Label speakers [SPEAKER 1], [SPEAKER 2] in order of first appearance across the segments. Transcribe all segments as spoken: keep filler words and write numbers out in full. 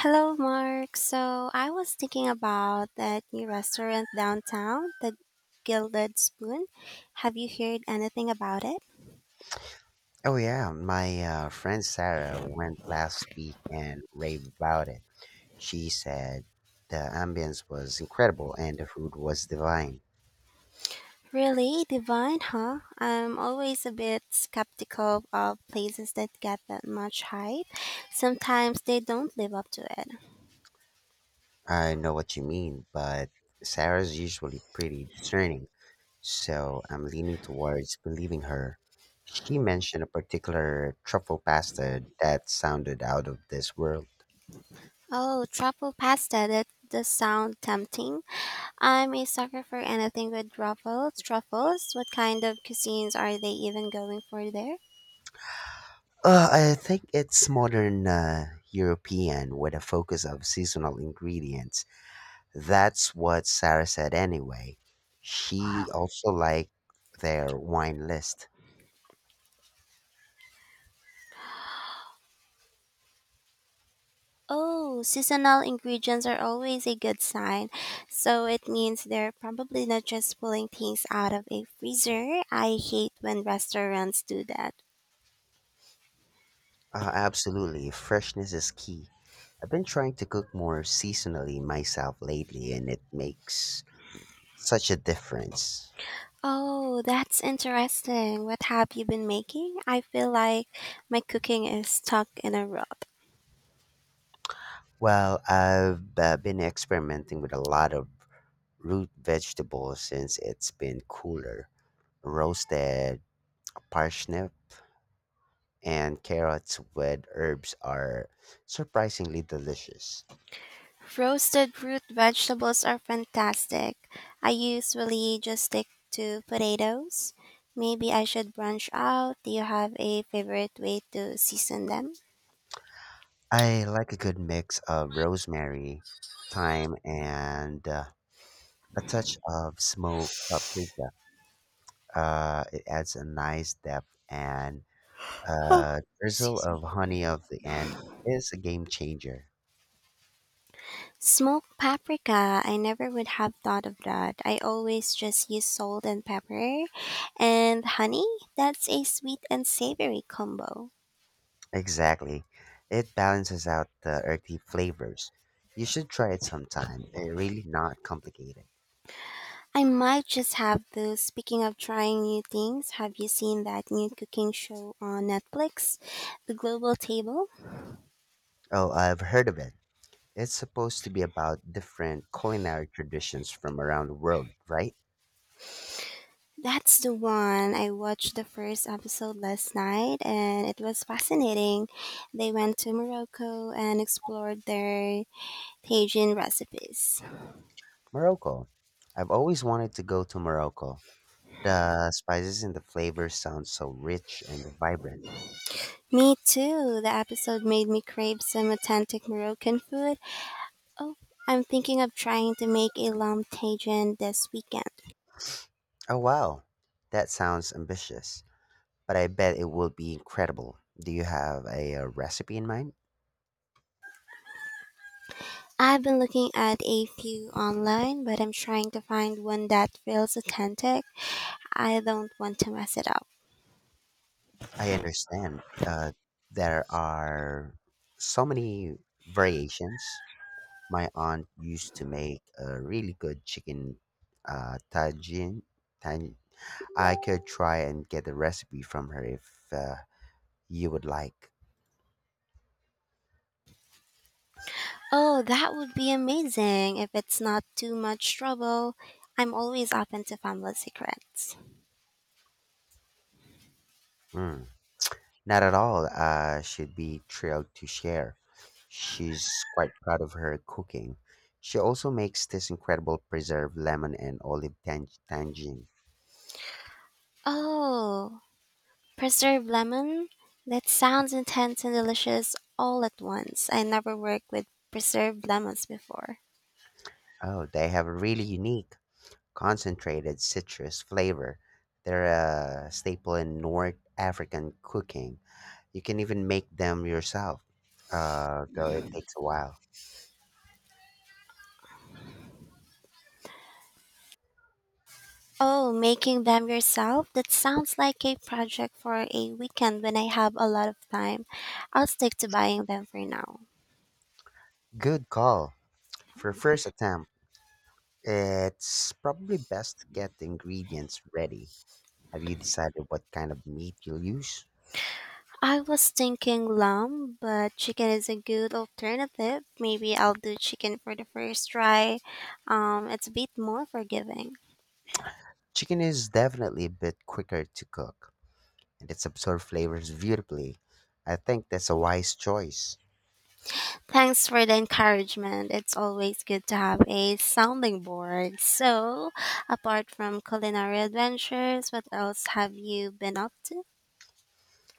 [SPEAKER 1] Hello, Mark. So I was thinking about that new restaurant downtown, the Gilded Spoon. Have you heard anything about it?
[SPEAKER 2] Oh yeah, my uh, friend Sarah went last week and raved about it. She said the ambience was incredible and the food was divine.
[SPEAKER 1] Really? Divine, huh? I'm always a bit skeptical of places that get that much hype. Sometimes they don't live up to it.
[SPEAKER 2] I know what you mean, but Sarah's usually pretty discerning, so I'm leaning towards believing her. She mentioned a particular truffle pasta that sounded out of this world.
[SPEAKER 1] Oh, truffle pasta. That does sound tempting. I'm a sucker for anything with truffles. Truffles? What kind of cuisines are they even going for there?
[SPEAKER 2] Uh, I think it's modern uh, European with a focus of seasonal ingredients. That's what Sarah said anyway. She also liked their wine list.
[SPEAKER 1] Oh, seasonal ingredients are always a good sign. So it means they're probably not just pulling things out of a freezer. I hate when restaurants do that.
[SPEAKER 2] Uh, absolutely, freshness is key. I've been trying to cook more seasonally myself lately, and it makes such a difference.
[SPEAKER 1] Oh, that's interesting. What have you been making? I feel like my cooking is stuck in a rut.
[SPEAKER 2] Well, I've uh, been experimenting with a lot of root vegetables since it's been cooler. Roasted parsnip and carrots with herbs are surprisingly delicious.
[SPEAKER 1] Roasted root vegetables are fantastic. I usually just stick to potatoes. Maybe I should branch out. Do you have a favorite way to season them?
[SPEAKER 2] I like a good mix of rosemary, thyme, and uh, a touch of smoked paprika. Uh, it adds a nice depth, and
[SPEAKER 1] Huh.
[SPEAKER 2] a drizzle of honey of the end is a game changer.
[SPEAKER 1] Smoked paprika, I never would have thought of that. I always just use salt and pepper and honey. That's a sweet and savory combo.
[SPEAKER 2] Exactly. It balances out the earthy flavors. You should try it sometime. It's really not complicated.
[SPEAKER 1] I might just have those. Speaking of trying new things, have you seen that new cooking show on Netflix, The Global Table?
[SPEAKER 2] Oh, I've heard of it. It's supposed to be about different culinary traditions from around the world, right?
[SPEAKER 1] That's the one. I watched the first episode last night and it was fascinating. They went to Morocco and explored their Tajin recipes.
[SPEAKER 2] Morocco. I've always wanted to go to Morocco. The spices and the flavors sound so rich and vibrant.
[SPEAKER 1] Me too. The episode made me crave some authentic Moroccan food. Oh, I'm thinking of trying to make a lamb tajin this weekend.
[SPEAKER 2] Oh, wow. That sounds ambitious, but I bet it will be incredible. Do you have a, uh recipe in mind?
[SPEAKER 1] I've been looking at a few online, but I'm trying to find one that feels authentic. I don't want to mess it up.
[SPEAKER 2] I understand uh, there are so many variations. My aunt used to make a really good chicken uh, tagine. tagine. I could try and get the recipe from her if uh, you would like.
[SPEAKER 1] Oh, that would be amazing if it's not too much trouble. I'm always open to family secrets.
[SPEAKER 2] Mm. Not at all. Uh, she'd be thrilled to share. She's quite proud of her cooking. She also makes this incredible preserved lemon and olive tang- tangine.
[SPEAKER 1] Oh, preserved lemon? That sounds intense and delicious all at once. I never worked with preserved lemons before.
[SPEAKER 2] Oh, they have a really unique, concentrated citrus flavor. They're a staple in North African cooking. You can even make them yourself, uh, though it takes a while.
[SPEAKER 1] Oh, making them yourself? That sounds like a project for a weekend when I have a lot of time. I'll stick to buying them for now.
[SPEAKER 2] Good call. For first attempt, it's probably best to get the ingredients ready. Have you decided what kind of meat you'll use?
[SPEAKER 1] I was thinking lamb, but chicken is a good alternative. Maybe I'll do chicken for the first try. Um, it's a bit more forgiving.
[SPEAKER 2] Chicken is definitely a bit quicker to cook, and it absorbs flavors beautifully. I think that's a wise choice.
[SPEAKER 1] Thanks for the encouragement. It's always good to have a sounding board. So, apart from culinary adventures, what else have you been up to?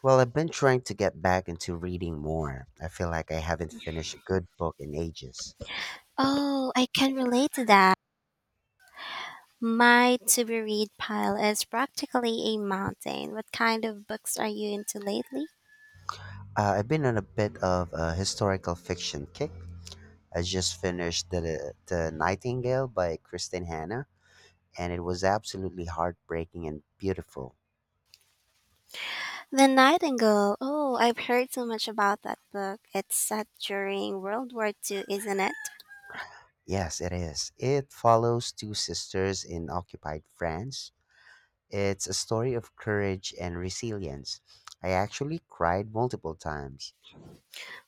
[SPEAKER 2] Well, I've been trying to get back into reading more. I feel like I haven't finished a good book in ages.
[SPEAKER 1] Oh, I can relate to that. My to be read pile is practically a mountain. What kind of books are you into lately?
[SPEAKER 2] Uh, I've been on a bit of a historical fiction kick. I just finished the, the Nightingale by Kristen Hanna, and it was absolutely heartbreaking and beautiful.
[SPEAKER 1] The Nightingale. Oh, I've heard so much about that book. It's set during World War two, isn't it?
[SPEAKER 2] Yes, it is. It follows two sisters in occupied France. It's a story of courage and resilience. I actually cried multiple times.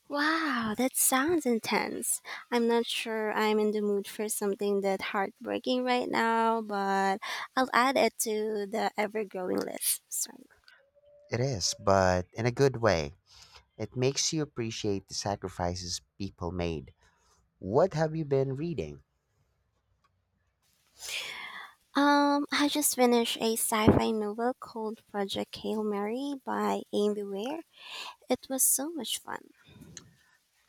[SPEAKER 1] Wow, that sounds intense. I'm not sure I'm in the mood for something that heartbreaking right now, but I'll add it to the ever-growing list. Sorry.
[SPEAKER 2] It is, but in a good way. It makes you appreciate the sacrifices people made. What have you been reading?
[SPEAKER 1] Um, I just finished a sci-fi novel called Project Hail Mary by Amy Ware. It was so much fun.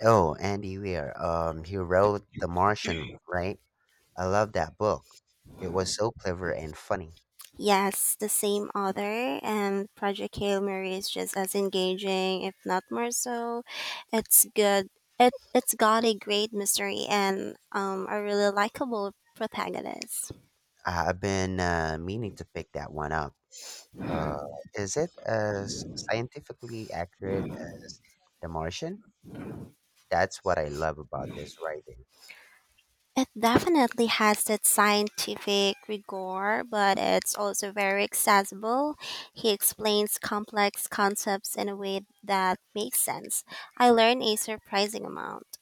[SPEAKER 2] Oh, Andy Weir. Um, he wrote The Martian, right? I love that book. It was so clever and funny.
[SPEAKER 1] Yes, the same author, and Project Hail Mary is just as engaging, if not more so. It's good. It it's got a great mystery and um a really likable protagonist.
[SPEAKER 2] Uh, I've been uh, meaning to pick that one up. Uh, is it as scientifically accurate as The Martian? That's what I love about this writing.
[SPEAKER 1] It definitely has that scientific rigor, but it's also very accessible. He explains complex concepts in a way that makes sense. I learned a surprising amount.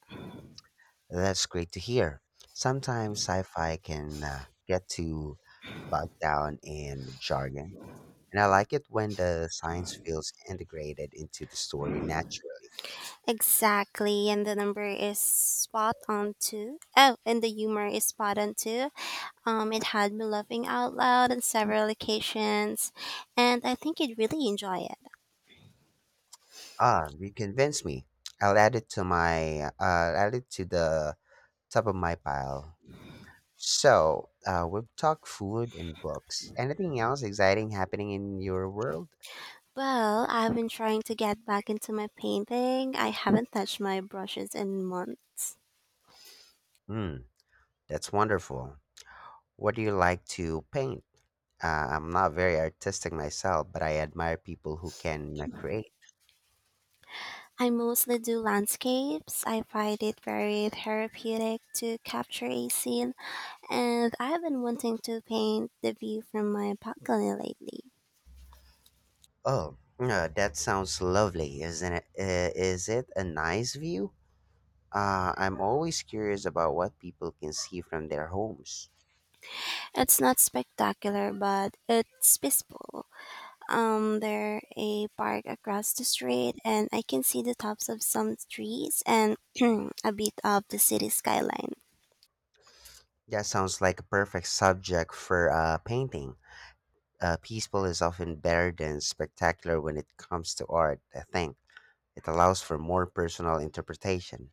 [SPEAKER 2] That's great to hear. Sometimes sci fi can uh, get too bogged down in jargon, and I like it when the science feels integrated into the story naturally.
[SPEAKER 1] Exactly, and the number is spot on too. Oh, and the humor is spot on too. Um, it had me laughing out loud on several occasions, and I think you'd really enjoy it.
[SPEAKER 2] Ah, you convinced me. I'll add it to my uh, I'll add it to the top of my pile. So, uh, we've talked food and books. Anything else exciting happening in your world?
[SPEAKER 1] Well, I've been trying to get back into my painting. I haven't touched my brushes in months.
[SPEAKER 2] Hmm, that's wonderful. What do you like to paint? Uh, I'm not very artistic myself, but I admire people who can uh, create.
[SPEAKER 1] I mostly do landscapes. I find it very therapeutic to capture a scene, and I've been wanting to paint the view from my balcony lately.
[SPEAKER 2] Oh, uh, that sounds lovely, isn't it? Uh, is it a nice view? Uh, I'm always curious about what people can see from their homes.
[SPEAKER 1] It's not spectacular, but it's peaceful. Um, there a park across the street, and I can see the tops of some trees and a bit of the city skyline.
[SPEAKER 2] That sounds like a perfect subject for uh, painting. Uh, peaceful is often better than spectacular when it comes to art, I think. It allows for more personal interpretation.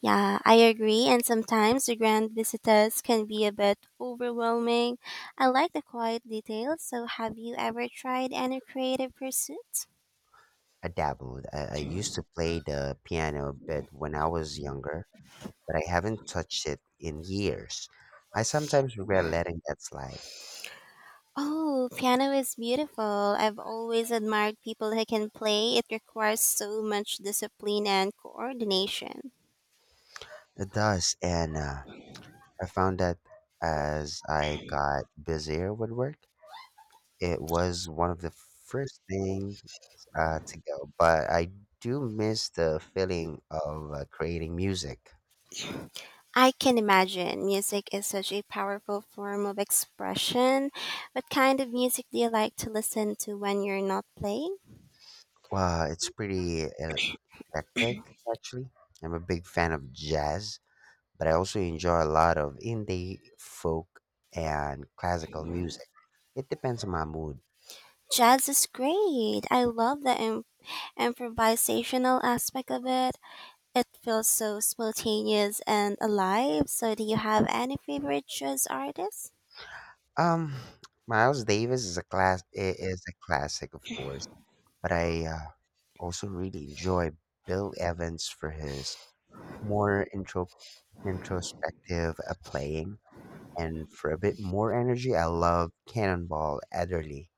[SPEAKER 1] Yeah, I agree. And sometimes the grand visitors can be a bit overwhelming. I like the quiet details. So, have you ever tried any creative pursuits?
[SPEAKER 2] I dabbled. I, I used to play the piano a bit when I was younger, but I haven't touched it in years. I sometimes regret letting that slide.
[SPEAKER 1] Oh, piano is beautiful. I've always admired people who can play. It requires so much discipline and coordination.
[SPEAKER 2] It does, and uh, I found that as I got busier with work, it was one of the first things uh, to go. But I do miss the feeling of uh, creating music.
[SPEAKER 1] I can imagine. Music is such a powerful form of expression. What kind of music do you like to listen to when you're not playing?
[SPEAKER 2] Well, it's pretty eclectic, actually. I'm a big fan of jazz, but I also enjoy a lot of indie, folk, and classical music. It depends on my mood.
[SPEAKER 1] Jazz is great. I love the im- improvisational aspect of it. It feels so spontaneous and alive. So, do you have any favorite jazz artists?
[SPEAKER 2] Um, Miles Davis is a class i- is a classic, of course, but I uh, also really enjoy Bill Evans for his more intro introspective uh, playing, and for a bit more energy, I love Cannonball Adderley.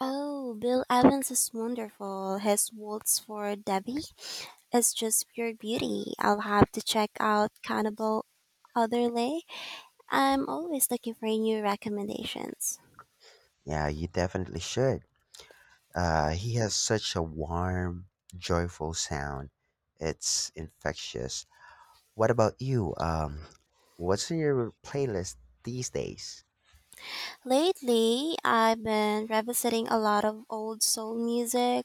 [SPEAKER 1] Oh, Bill Evans is wonderful. His waltz for Debbie is just pure beauty. I'll have to check out Cannibal Otherlay. I'm always looking for new recommendations.
[SPEAKER 2] Yeah, you definitely should. Uh, he has such a warm, joyful sound. It's infectious. What about you? Um, what's in your playlist these days?
[SPEAKER 1] Lately, I've been revisiting a lot of old soul music.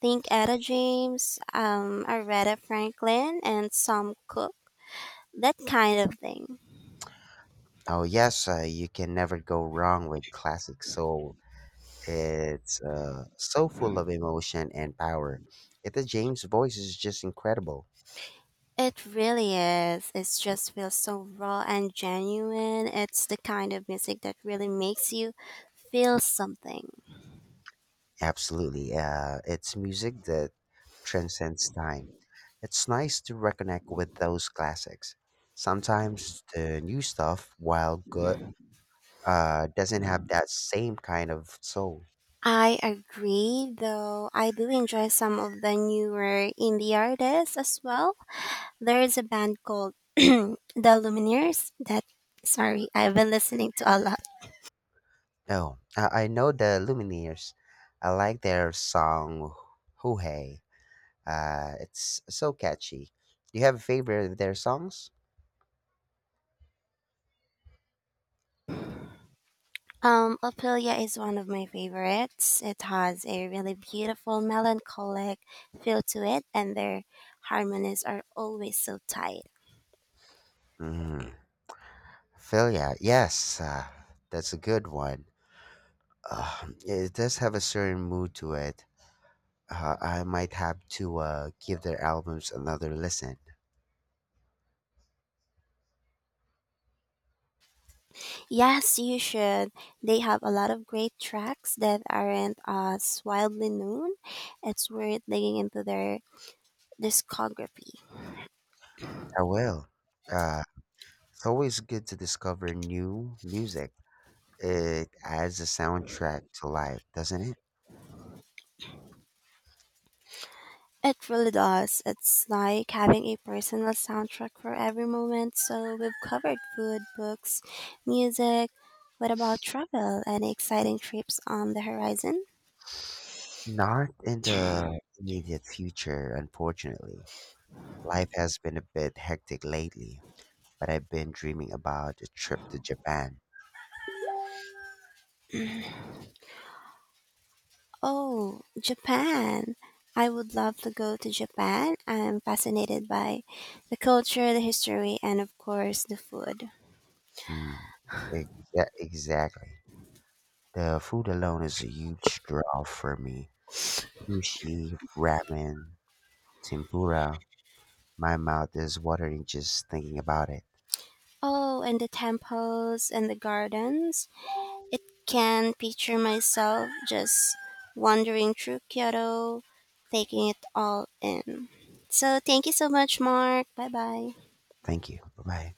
[SPEAKER 1] Think Etta James, um, Aretha Franklin, and some Cooke. That kind of thing.
[SPEAKER 2] Oh yes, uh, you can never go wrong with classic soul. It's uh, so full of emotion and power. Etta James' voice is just incredible.
[SPEAKER 1] It really is. It just feels so raw and genuine. It's the kind of music that really makes you feel something.
[SPEAKER 2] Absolutely. Uh, it's music that transcends time. It's nice to reconnect with those classics. Sometimes the new stuff, while good, uh, doesn't have that same kind of soul.
[SPEAKER 1] I agree, though I do enjoy some of the newer indie artists as well. There is a band called The Lumineers that, sorry, I've been listening to a lot.
[SPEAKER 2] Oh, I, I know the Lumineers. I like their song "Hoo Hey." Uh, it's so catchy. Do you have a favorite of their songs?
[SPEAKER 1] Um Ophelia is one of my favorites. It has a really beautiful melancholic feel to it, and their harmonies are always so tight.
[SPEAKER 2] Mm, Philia, yes, uh, that's a good one. Uh, it does have a certain mood to it. uh, I might have to uh, give their albums another listen.
[SPEAKER 1] Yes, you should. They have a lot of great tracks that aren't as widely known. It's worth digging into their discography.
[SPEAKER 2] I will. Uh, it's always good to discover new music. It adds a soundtrack to life, doesn't it?
[SPEAKER 1] It really does. It's like having a personal soundtrack for every moment. So we've covered food, books, music. What about travel? Any exciting trips on the horizon?
[SPEAKER 2] Not in the immediate future, unfortunately. Life has been a bit hectic lately, but I've been dreaming about a trip to Japan.
[SPEAKER 1] Oh, Japan. I would love to go to Japan. I'm fascinated by the culture, the history, and of course the food.
[SPEAKER 2] Mm, exa- exactly. The food alone is a huge draw for me. Sushi, ramen, tempura. My mouth is watering just thinking about it.
[SPEAKER 1] Oh, and the temples and the gardens. It can picture myself just wandering through Kyoto, taking it all in. So thank you so much, Mark. Bye bye.
[SPEAKER 2] Thank you. Bye bye.